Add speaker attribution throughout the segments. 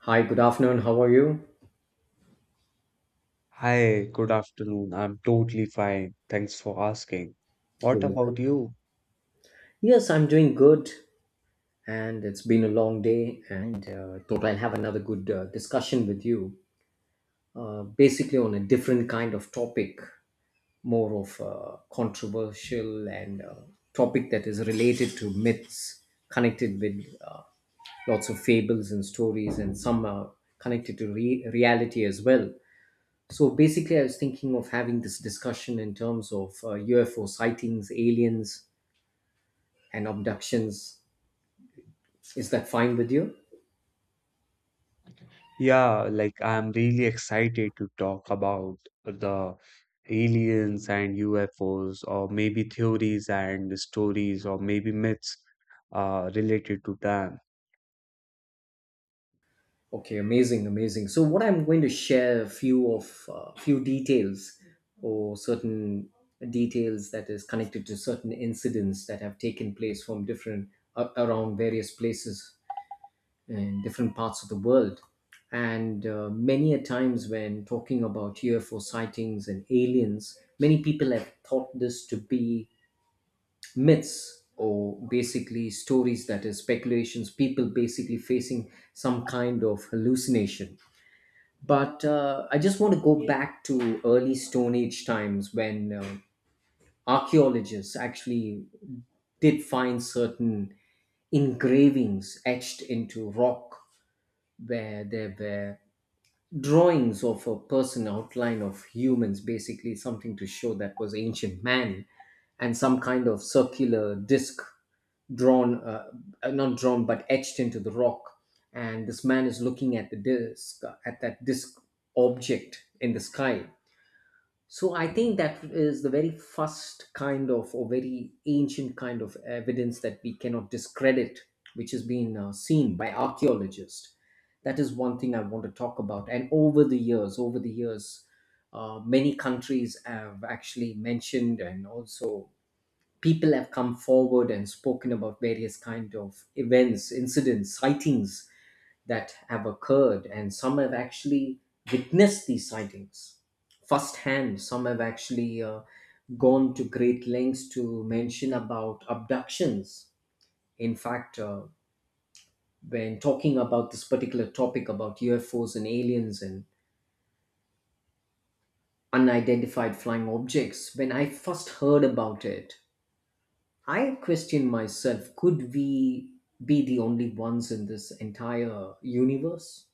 Speaker 1: Hi, good afternoon. How are you?
Speaker 2: Hi, good afternoon. I'm totally fine. Thanks for asking.
Speaker 1: You're
Speaker 2: What
Speaker 1: welcome.
Speaker 2: about you?
Speaker 1: Yes, I'm doing good, and it's been a long day, and thought I'll have another good discussion with you, basically on a different kind of topic, more of controversial and topic that is related to myths, connected with lots of fables and stories, and some are connected to reality as well. So basically, I was thinking of having this discussion in terms of UFO sightings, aliens, and abductions. Is that fine with you?
Speaker 2: Yeah, like I'm really excited to talk about the aliens and UFOs, or maybe theories and stories, or maybe myths related to them.
Speaker 1: Okay, amazing, amazing. So what I'm going to share a few of few details or certain details that is connected to certain incidents that have taken place from different around various places in different parts of the world. And many a times when talking about UFO sightings and aliens, many people have thought this to be myths or basically stories that is speculations people basically facing some kind of hallucination but I just want to go back to early stone age times when archaeologists actually did find certain engravings etched into rock where there were drawings of a person, outline of humans, basically something to show that was ancient man, and some kind of circular disc drawn, not drawn, but etched into the rock. And this man is looking at the disc, at that disc object in the sky. So I think that is the very first kind of, or very ancient kind of evidence that we cannot discredit, which has been seen by archaeologists. That is one thing I want to talk about. And over the years, many countries have actually mentioned and also people have come forward and spoken about various kind of events, incidents, sightings that have occurred, and some have actually witnessed these sightings firsthand. Some have actually gone to great lengths to mention about abductions. In fact, when talking about this particular topic about ufos and aliens and unidentified flying objects, when I first heard about it, I question myself, could we be the only ones in this entire universe?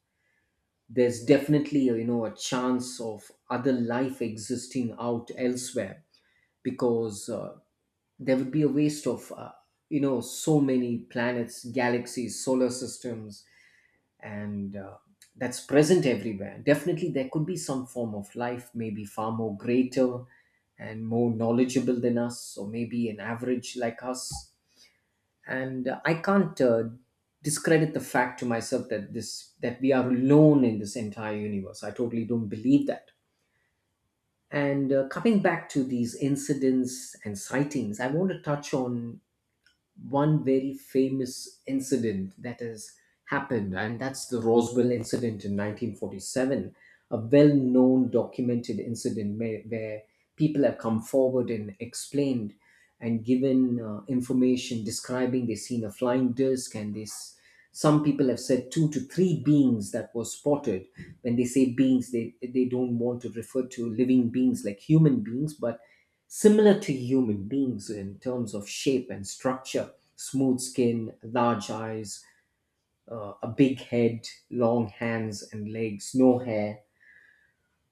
Speaker 1: There's definitely a, you know, a chance of other life existing out elsewhere, because there would be a waste of you know, so many planets, galaxies, solar systems, and that's present everywhere. Definitely there could be some form of life, maybe far more greater and more knowledgeable than us, or maybe an average like us. And I can't discredit the fact to myself that this that we are alone in this entire universe. I totally don't believe that. And coming back to these incidents and sightings, I want to touch on one very famous incident that has happened, and that's the Roswell incident in 1947, a well known documented incident where, people have come forward and explained and given information describing they seen a flying disc, and this some people have said two to three beings that were spotted. When they say beings, they don't want to refer to living beings like human beings, but similar to human beings in terms of shape and structure, smooth skin, large eyes, a big head, long hands and legs, no hair.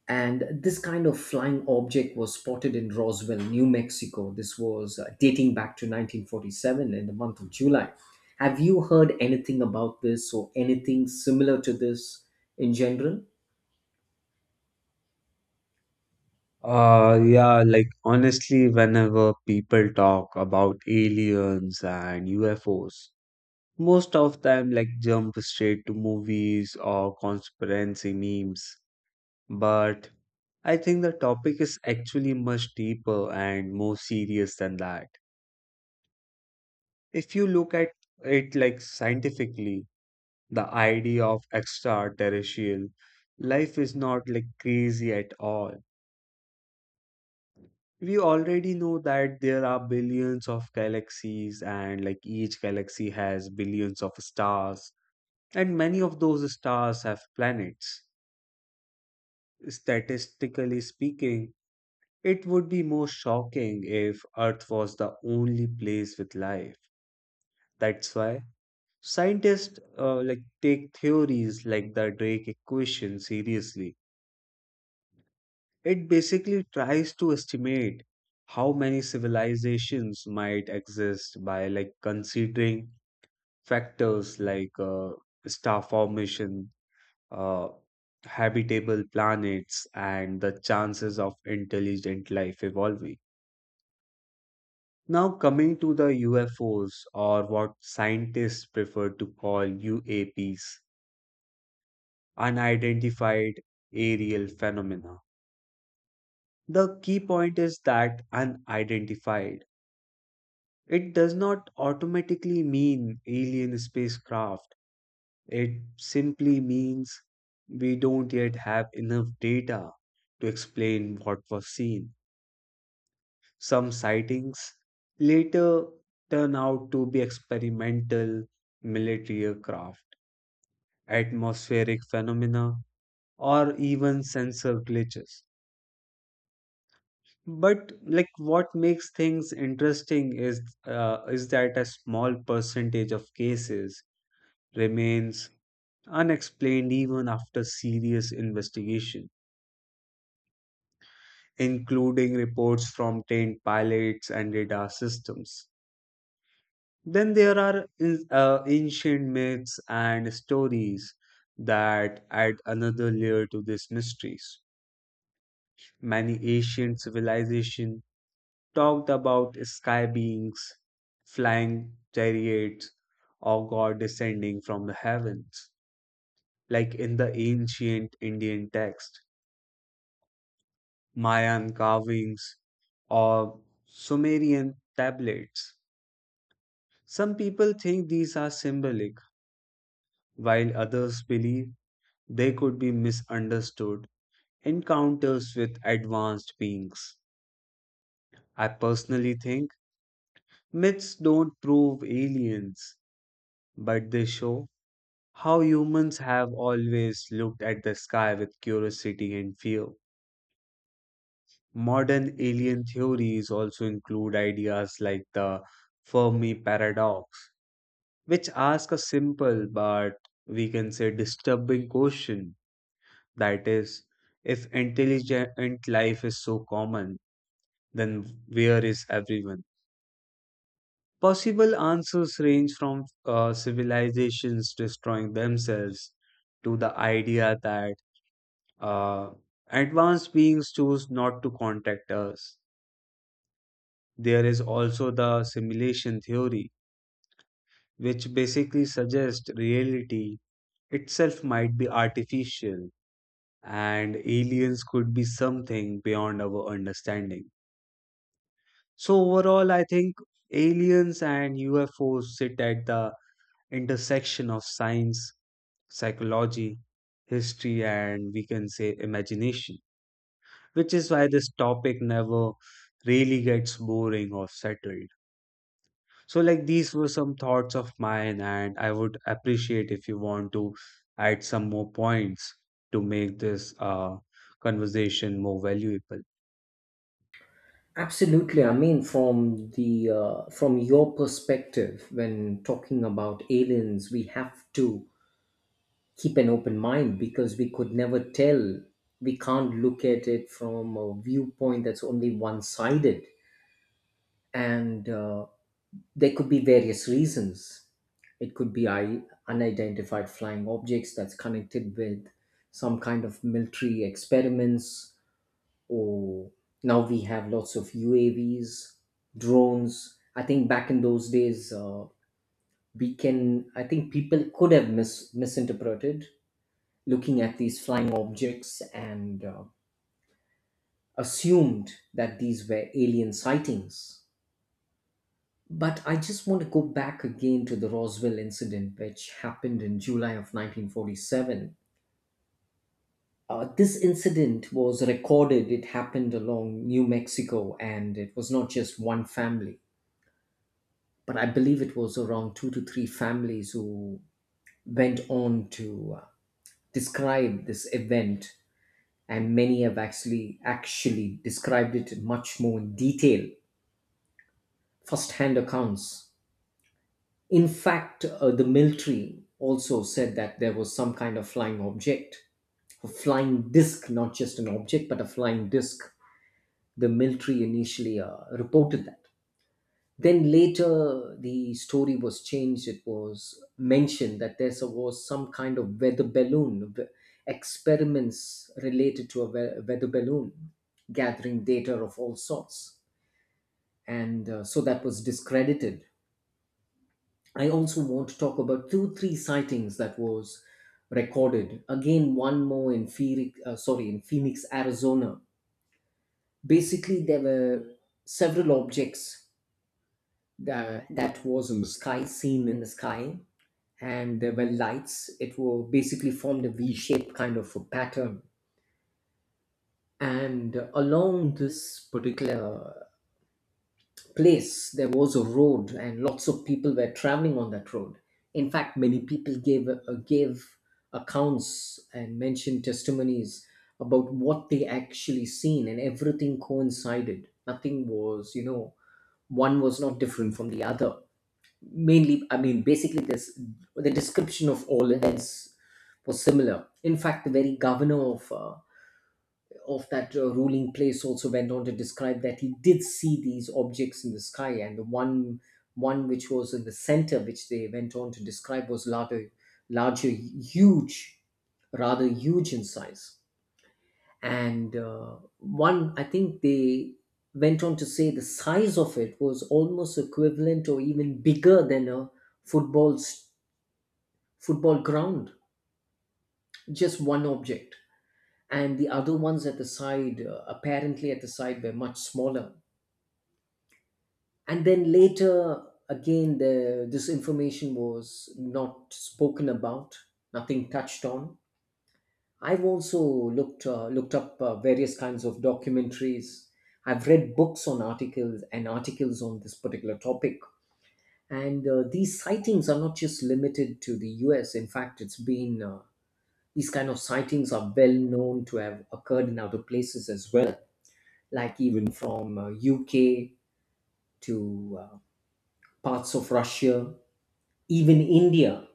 Speaker 1: And this kind of flying object was spotted in Roswell, New Mexico. This was dating back to 1947 in the month of July. Have you heard anything about this or anything similar to this in general?
Speaker 2: Yeah, like honestly, whenever people talk about aliens and UFOs, most of them like jump straight to movies or conspiracy memes. But I think the topic is actually much deeper and more serious than that. If you look at it like scientifically, the idea of extraterrestrial life is not like crazy at all. We already know that there are billions of galaxies, and like each galaxy has billions of stars, and many of those stars have planets. Statistically speaking, it would be more shocking if Earth was the only place with life. That's why scientists like take theories like the Drake equation seriously. It basically tries to estimate how many civilizations might exist by like considering factors like star formation, uh, habitable planets, and the chances of intelligent life evolving. Now, coming to the UFOs, or what scientists prefer to call UAPs, unidentified aerial phenomena. The key point is that unidentified. It does not automatically mean alien spacecraft, it simply means we don't yet have enough data to explain what was seen. Some sightings later turn out to be experimental military aircraft, atmospheric phenomena, or even sensor glitches. But like what makes things interesting is that a small percentage of cases remains unexplained even after serious investigation, including reports from trained pilots and radar systems. Then there are ancient myths and stories that add another layer to these mysteries. Many ancient civilizations talked about sky beings, flying chariots, or God descending from the heavens, like in the ancient Indian text, Mayan carvings, or Sumerian tablets. Some people think these are symbolic, while others believe they could be misunderstood encounters with advanced beings. I personally think myths don't prove aliens, but they show how humans have always looked at the sky with curiosity and fear. Modern alien theories also include ideas like the Fermi paradox, which ask a simple but we can say disturbing question, that is, if intelligent life is so common, then where is everyone? Possible answers range from civilizations destroying themselves to the idea that Uh, advanced beings choose not to contact us. There is also the simulation theory, which basically suggests reality itself might be artificial and aliens could be something beyond our understanding. So, overall, I think aliens and UFOs sit at the intersection of science, psychology, history, and we can say imagination, which is why this topic never really gets boring or settled. So, like, these were some thoughts of mine, and I would appreciate if you want to add some more points to make this conversation more valuable.
Speaker 1: Absolutely. I mean, from the from your perspective, when talking about aliens, we have to keep an open mind because we could never tell. We can't look at it from a viewpoint that's only one sided, and there could be various reasons. It could be unidentified flying objects that's connected with some kind of military experiments. Oh, now we have lots of UAVs, drones. I think back in those days, I think people could have misinterpreted looking at these flying objects and assumed that these were alien sightings. But I just want to go back again to the Roswell incident, which happened in July of 1947. This incident was recorded. It happened along New Mexico, and it was not just one family, but I believe it was around two to three families who went on to describe this event, and many have actually described it much more in detail, first-hand accounts. In fact, the military also said that there was some kind of flying object, a flying disc, not just an object, but a flying disc. The military initially reported that. Then later, the story was changed. It was mentioned that there was some kind of weather balloon, experiments related to a weather balloon gathering data of all sorts, and so that was discredited. I also want to talk about two, three sightings that was recorded. Again, one more in Phoenix, in Phoenix, Arizona. Basically, there were several objects that was in the sky, seen in the sky, and there were lights. It will basically formed a V-shaped kind of a pattern. And along this particular place, there was a road, and lots of people were traveling on that road. In fact, many people gave accounts and mentioned testimonies about what they actually seen, and everything coincided. Nothing was, you know, one was not different from the other. Mainly, I mean, basically, this the description of all heads was similar. In fact, the very governor of that ruling place also went on to describe that he did see these objects in the sky, and the one which was in the center, which they went on to describe, was larger larger huge rather huge in size. And one, I think they went on to say the size of it was almost equivalent or even bigger than a football's football ground, just one object, and the other ones at the side, apparently at the side, were much smaller. And then later, again, this information was not spoken about, nothing touched on. I've also looked up various kinds of documentaries. I've read books on articles and articles on this particular topic. And these sightings are not just limited to the U.S. In fact, it's been these kind of sightings are well known to have occurred in other places as well, like even from U.K. to parts of Russia, even India.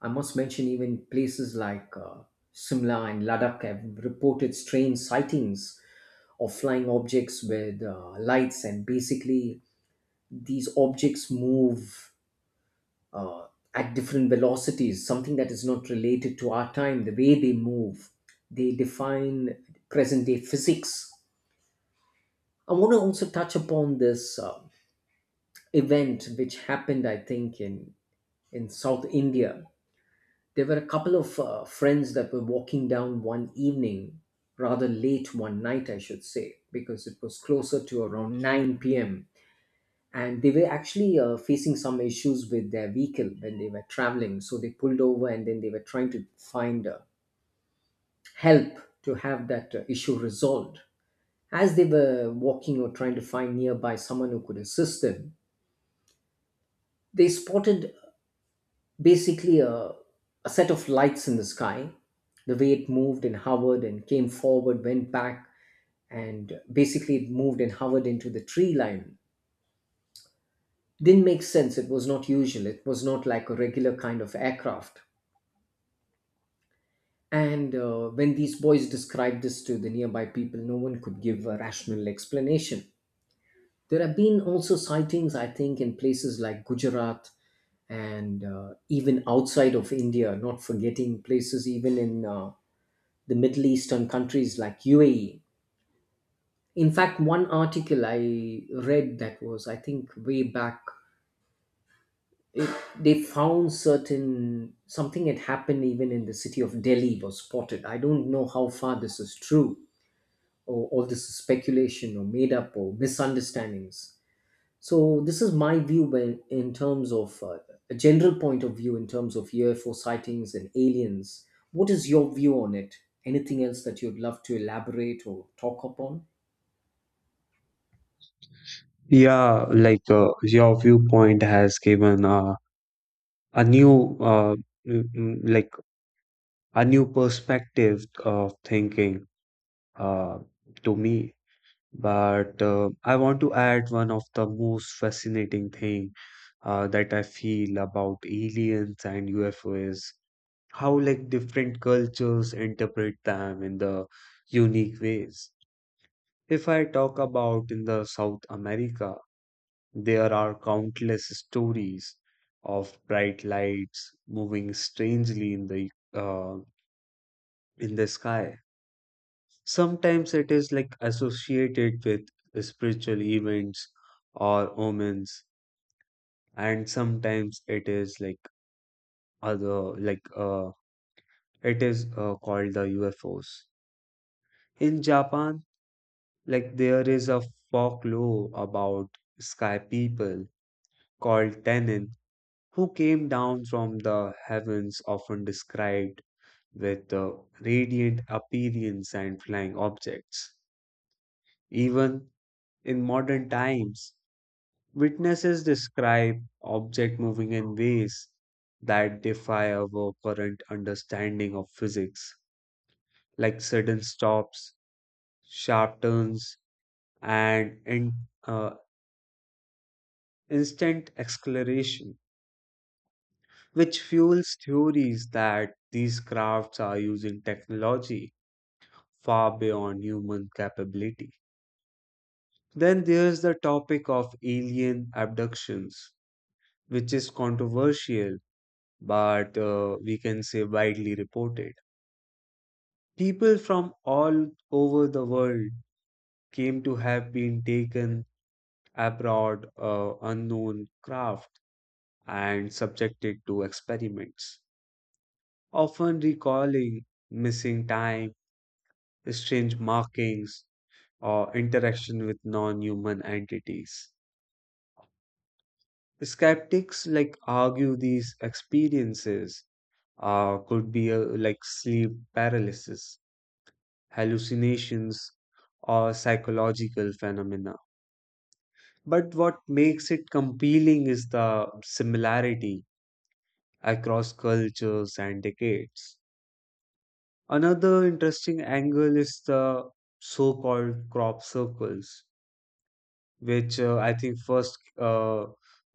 Speaker 1: I must mention even places like Simla and Ladakh have reported strange sightings of flying objects with lights, and basically these objects move uh, at different velocities, something that is not related to our time, the way they move. They define present day physics. I want to also touch upon this event which happened, I think, in South India. There were a couple of friends that were walking down one evening, rather late one night, I should say, because it was closer to around 9 p.m, and they were actually facing some issues with their vehicle when they were traveling, so they pulled over, and then they were trying to find help to have that issue resolved. As they were walking or trying to find nearby someone who could assist them, they spotted basically a set of lights in the sky. The way it moved and hovered and came forward, went back, and basically it moved and hovered into the tree line, didn't make sense. It was not usual, it was not like a regular kind of aircraft. And when these boys described this to the nearby people, no one could give a rational explanation. There have been also sightings, I think, in places like Gujarat and even outside of India, not forgetting places even in the Middle Eastern countries like UAE. In fact, one article I read that was, I think, way back, it, they found certain, something had happened even in the city of Delhi was spotted. I don't know how far this is true, or all this is speculation or made up or misunderstandings. So this is my view when, in terms of a general point of view in terms of UFO sightings and aliens. What is your view on it? Anything else that you'd love to elaborate or talk upon?
Speaker 2: Yeah, your viewpoint has given a new, mm, mm, like, a new perspective of thinking uh, to me. But I want to add one of the most fascinating thing that I feel about aliens and UFOs, how like different cultures interpret them in the unique ways. If I talk about in the South America, there are countless stories of bright lights moving strangely in the sky. Sometimes it is like associated with spiritual events or omens, and sometimes it is like other like it is called the UFOs. In Japan, like there is a folklore about sky people called Tenin, who came down from the heavens, often described with radiant appearance and flying objects. Even in modern times, witnesses describe object moving in ways that defy our current understanding of physics, like sudden stops, sharp turns, and uh, instant acceleration, which fuels theories that these crafts are using technology far beyond human capability. Then there's the topic of alien abductions, which is controversial but we can say widely reported. People from all over the world came to have been taken abroad, unknown craft, and subjected to experiments, often recalling missing time, strange markings, or interaction with non human entities. Skeptics like argue these experiences could be like sleep paralysis, hallucinations, or psychological phenomena. But what makes it compelling is the similarity across cultures and decades. Another interesting angle is the so-called crop circles, which I think first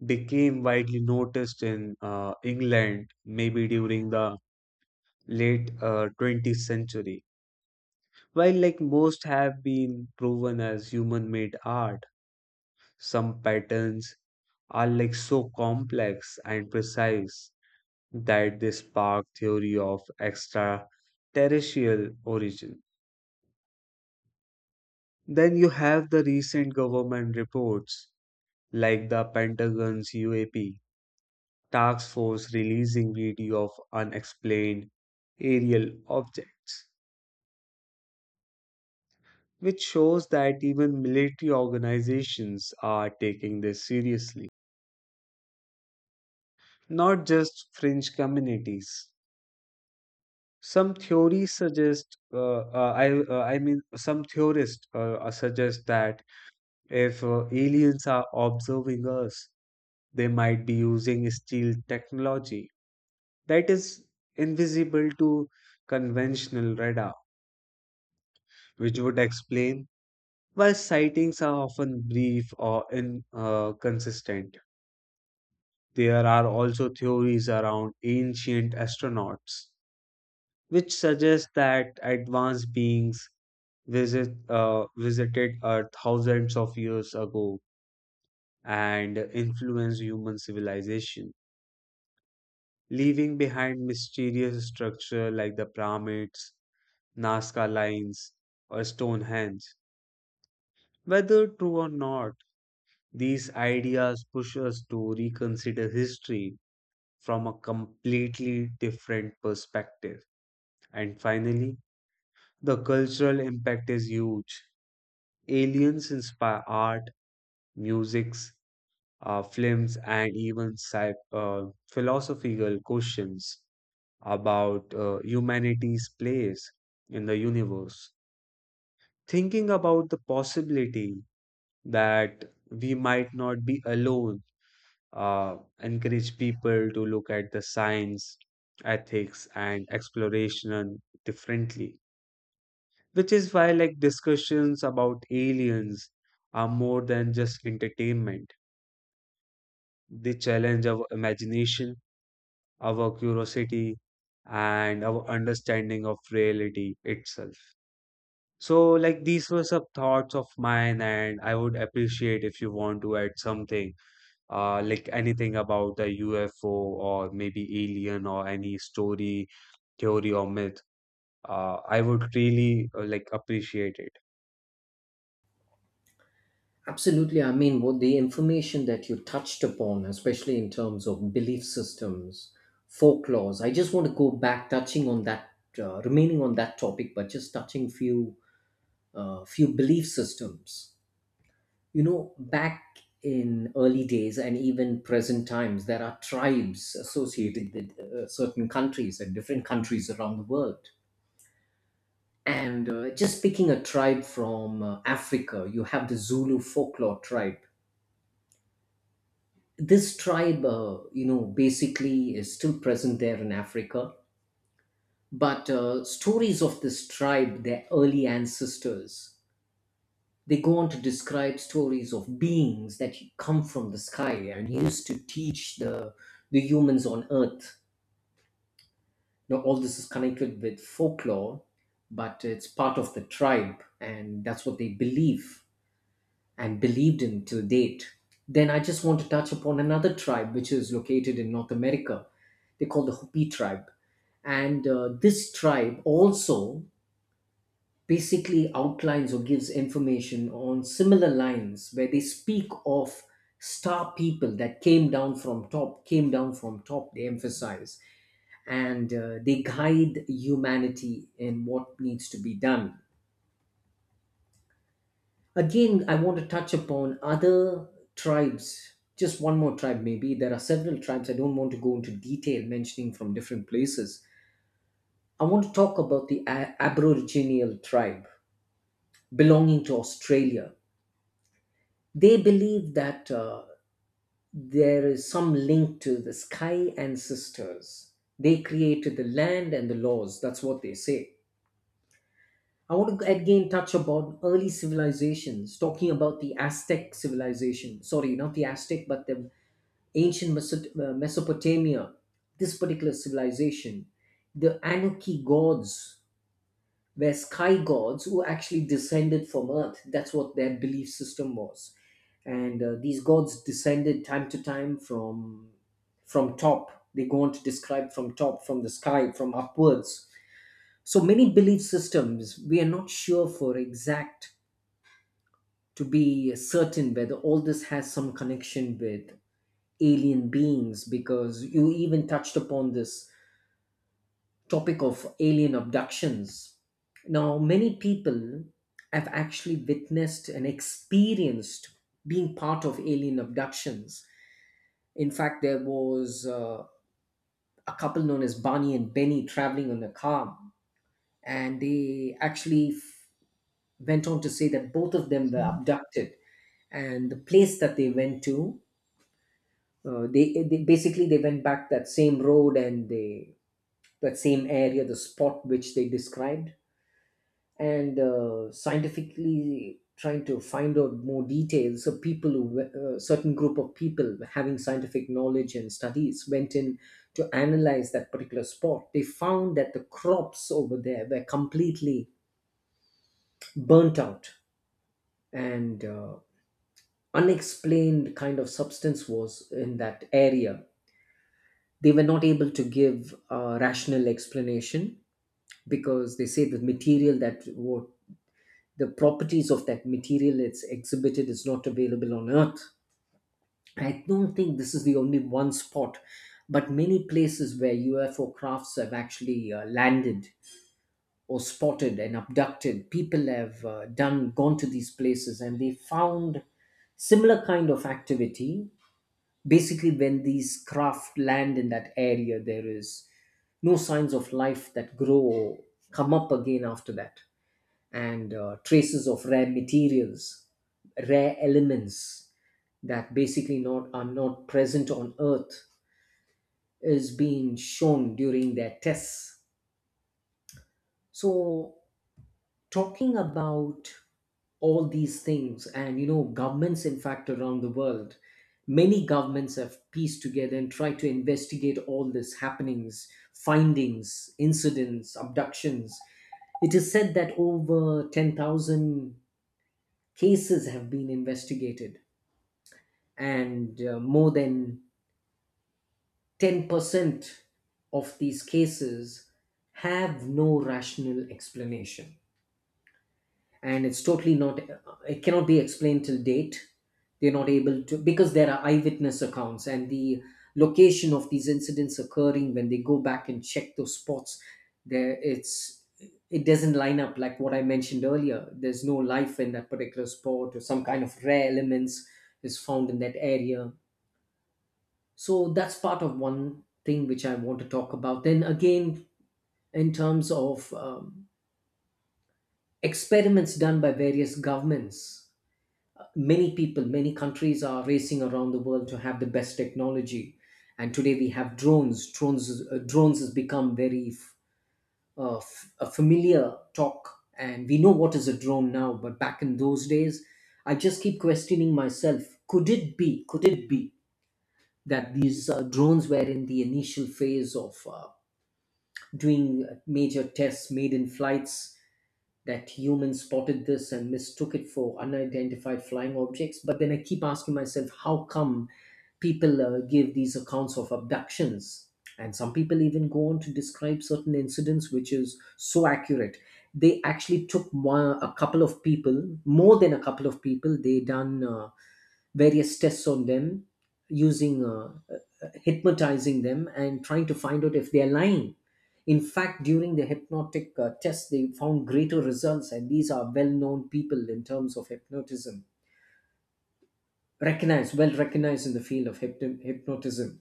Speaker 2: became widely noticed in England, maybe during the late 20th century. While like most have been proven as human-made art, some patterns are like so complex and precise that they spark theory of extraterrestrial origin. Then you have the recent government reports like the Pentagon's UAP task force releasing video of unexplained aerial objects, which shows that even military organizations are taking this seriously, not just fringe communities. Some theories suggest, I mean, some theorists suggest that if aliens are observing us, they might be using stealth technology that is invisible to conventional radar, which would explain why sightings are often brief or inconsistent. There are also theories around ancient astronauts, which suggest that advanced beings visited Earth thousands of years ago and influenced human civilization, leaving behind mysterious structure like the pyramids, Nazca lines, or Stonehenge. Whether true or not, these ideas push us to reconsider history from a completely different perspective. And finally, the cultural impact is huge. Aliens inspire art, musics, films, and even philosophical questions about humanity's place in the universe. Thinking about the possibility that we might not be alone, uh, encourage people to look at the science, ethics, and exploration differently. Which is why, like, discussions about aliens are more than just entertainment. They challenge our imagination, our curiosity, and our understanding of reality itself. So, like, these were some thoughts of mine, and I would appreciate if you want to add something, like anything about the UFO or maybe alien or any story, theory, or myth. I would really like appreciate it.
Speaker 1: Absolutely. I mean, what the information that you touched upon, especially in terms of belief systems, folklores. I just want to go back, touching on that, remaining on that topic, but just touching few belief systems back in early days, and even present times, there are tribes associated with certain countries and different countries around the world. And just picking a tribe from Africa, you have the Zulu folklore tribe. This tribe, basically, is still present there in Africa. But stories of this tribe, their early ancestors, they go on to describe stories of beings that come from the sky and used to teach the humans on Earth. Now, all this is connected with folklore, but it's part of the tribe, and that's what they believe and believed in till date. Then I just want to touch upon another tribe which is located in North America. They call the Hopi tribe, and this tribe also basically outlines or gives information on similar lines, where they speak of star people that came down from top, they emphasize. And they guide humanity in what needs to be done. Again, I want to touch upon other tribes, just one more tribe. Maybe there are several tribes, I don't want to go into detail mentioning from different places. I want to talk about the aboriginal tribe belonging to Australia. They believe that there is some link to the sky ancestors. They created the land and the laws. That's what they say. I want to again touch about early civilizations, talking about the Aztec civilization. Sorry, not the Aztec, but the ancient Mesopotamia. This particular civilization, the Anunnaki gods, were sky gods who actually descended from earth. That's what their belief system was. And these gods descended time to time from top. They go on to describe from top, from the sky, from upwards. So many belief systems, we are not sure for exact to be certain whether all this has some connection with alien beings, because you even touched upon this topic of alien abductions. Now, many people have actually witnessed and experienced being part of alien abductions. In fact, there was a couple known as Barney and Benny traveling on a car, and they actually went on to say that both of them were abducted. And the place that they went to, they went back that same road, and they that same area, the spot which they described. And scientifically trying to find out more details, so people who certain group of people having scientific knowledge and studies went in to analyze that particular spot. They found that the crops over there were completely burnt out, and unexplained kind of substance was in that area. They were not able to give a rational explanation, because they say the material, that what the properties of that material it's exhibited, is not available on earth. I don't think this is the only one spot, but many places where UFO crafts have actually landed or spotted, and abducted people have done gone to these places, and they found similar kind of activity. Basically, when these craft land in that area, there is no signs of life that grow or come up again after that. And traces of rare materials, rare elements that basically not are not present on Earth, is being shown during their tests. So, talking about all these things, and you know, governments, in fact, around the world, many governments have pieced together and tried to investigate all this happenings, findings, incidents, abductions. It is said that over 10,000 cases have been investigated, and more than 10% of these cases have no rational explanation. And it's totally not it cannot be explained till date. They're not able to, because there are eyewitness accounts, and the location of these incidents occurring, when they go back and check those spots, there it's it doesn't line up. Like what I mentioned earlier, there's no life in that particular spot, or some kind of rare elements is found in that area. So that's part of one thing which I want to talk about. Then again, in terms of experiments done by various governments, many people, many countries are racing around the world to have the best technology. And today we have drones. Drones has become very a familiar talk, and we know what is a drone now. But back in those days, I just keep questioning myself: Could it be? Could it be that these drones were in the initial phase of doing major tests made in flights? That humans spotted this and mistook it for unidentified flying objects? But then I keep asking myself, how come people give these accounts of abductions? And some people even go on to describe certain incidents, which is so accurate. They actually took a couple of people, more than a couple of people. They done various tests on them, using hypnotizing them and trying to find out if they are lying. In fact, during the hypnotic test, they found greater results, and these are well known people in terms of hypnotism, recognized, well recognized in the field of hypnotism.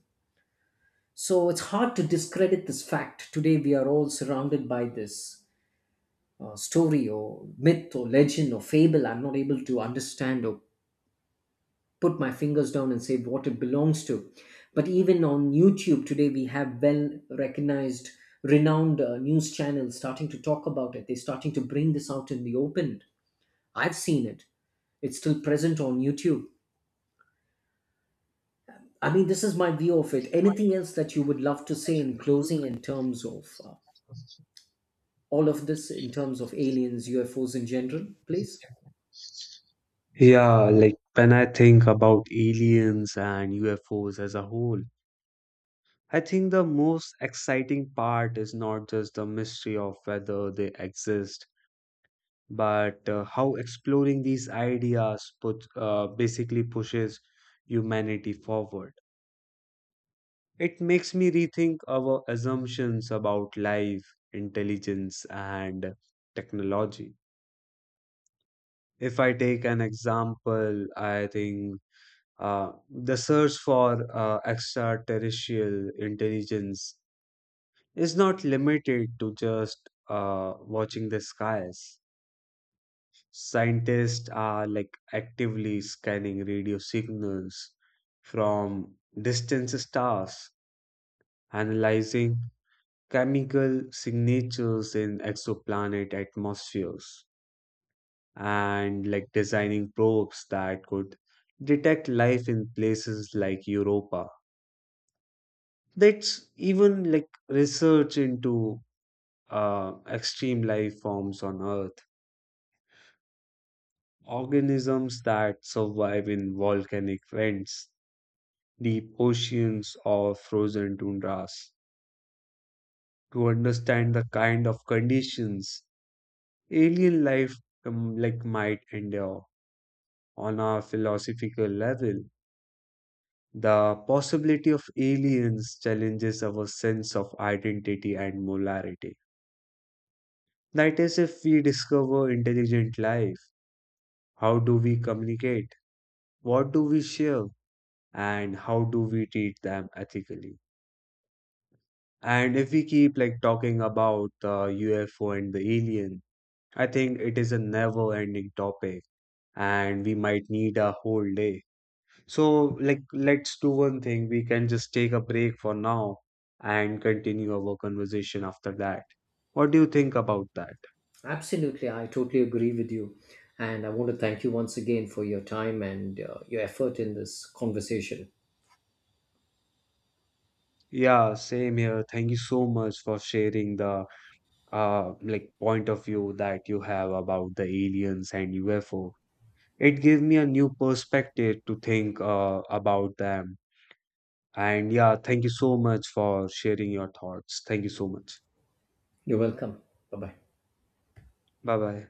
Speaker 1: So it's hard to discredit this fact. Today, we are all surrounded by this story or myth or legend or fable. I'm not able to understand or put my fingers down and say what it belongs to. But even on YouTube today, we have well recognized, renowned news channels starting to talk about it. They're starting to bring this out in the open. I've seen it, it's still present on YouTube. I mean, this is my view of it. Anything else that you would love to say in closing, in terms of all of this, in terms of aliens, UFOs in general, please?
Speaker 2: Yeah, like when I think about aliens and UFOs as a whole, I think the most exciting part is not just the mystery of whether they exist, but how exploring these ideas basically pushes humanity forward. It makes me rethink our assumptions about life, intelligence, and technology. If I take an example, I think the search for extraterrestrial intelligence is not limited to just watching the skies. Scientists are like actively scanning radio signals from distant stars, analyzing chemical signatures in exoplanet atmospheres, and like designing probes that could detect life in places like Europa. That's even like research into extreme life forms on Earth, organisms that survive in volcanic vents, deep oceans, or frozen tundras, to understand the kind of conditions alien life like might endure. On a philosophical level, the possibility of aliens challenges our sense of identity and molarity. That is, if we discover intelligent life, how do we communicate? What do we share? And how do we treat them ethically? And if we keep like talking about the UFO and the aliens, I think it is a never-ending topic and we might need a whole day. So, like, let's do one thing. We can just take a break for now and continue our conversation after that. What do you think about that?
Speaker 1: Absolutely, I totally agree with you. And I want to thank you once again for your time and your effort in this conversation.
Speaker 2: Yeah, same here. Thank you so much for sharing the point of view that you have about the aliens and UFO. It gave me a new perspective to think about them. And yeah, thank you so much for sharing your thoughts. Thank you so much.
Speaker 1: You're welcome. Bye bye.
Speaker 2: Bye bye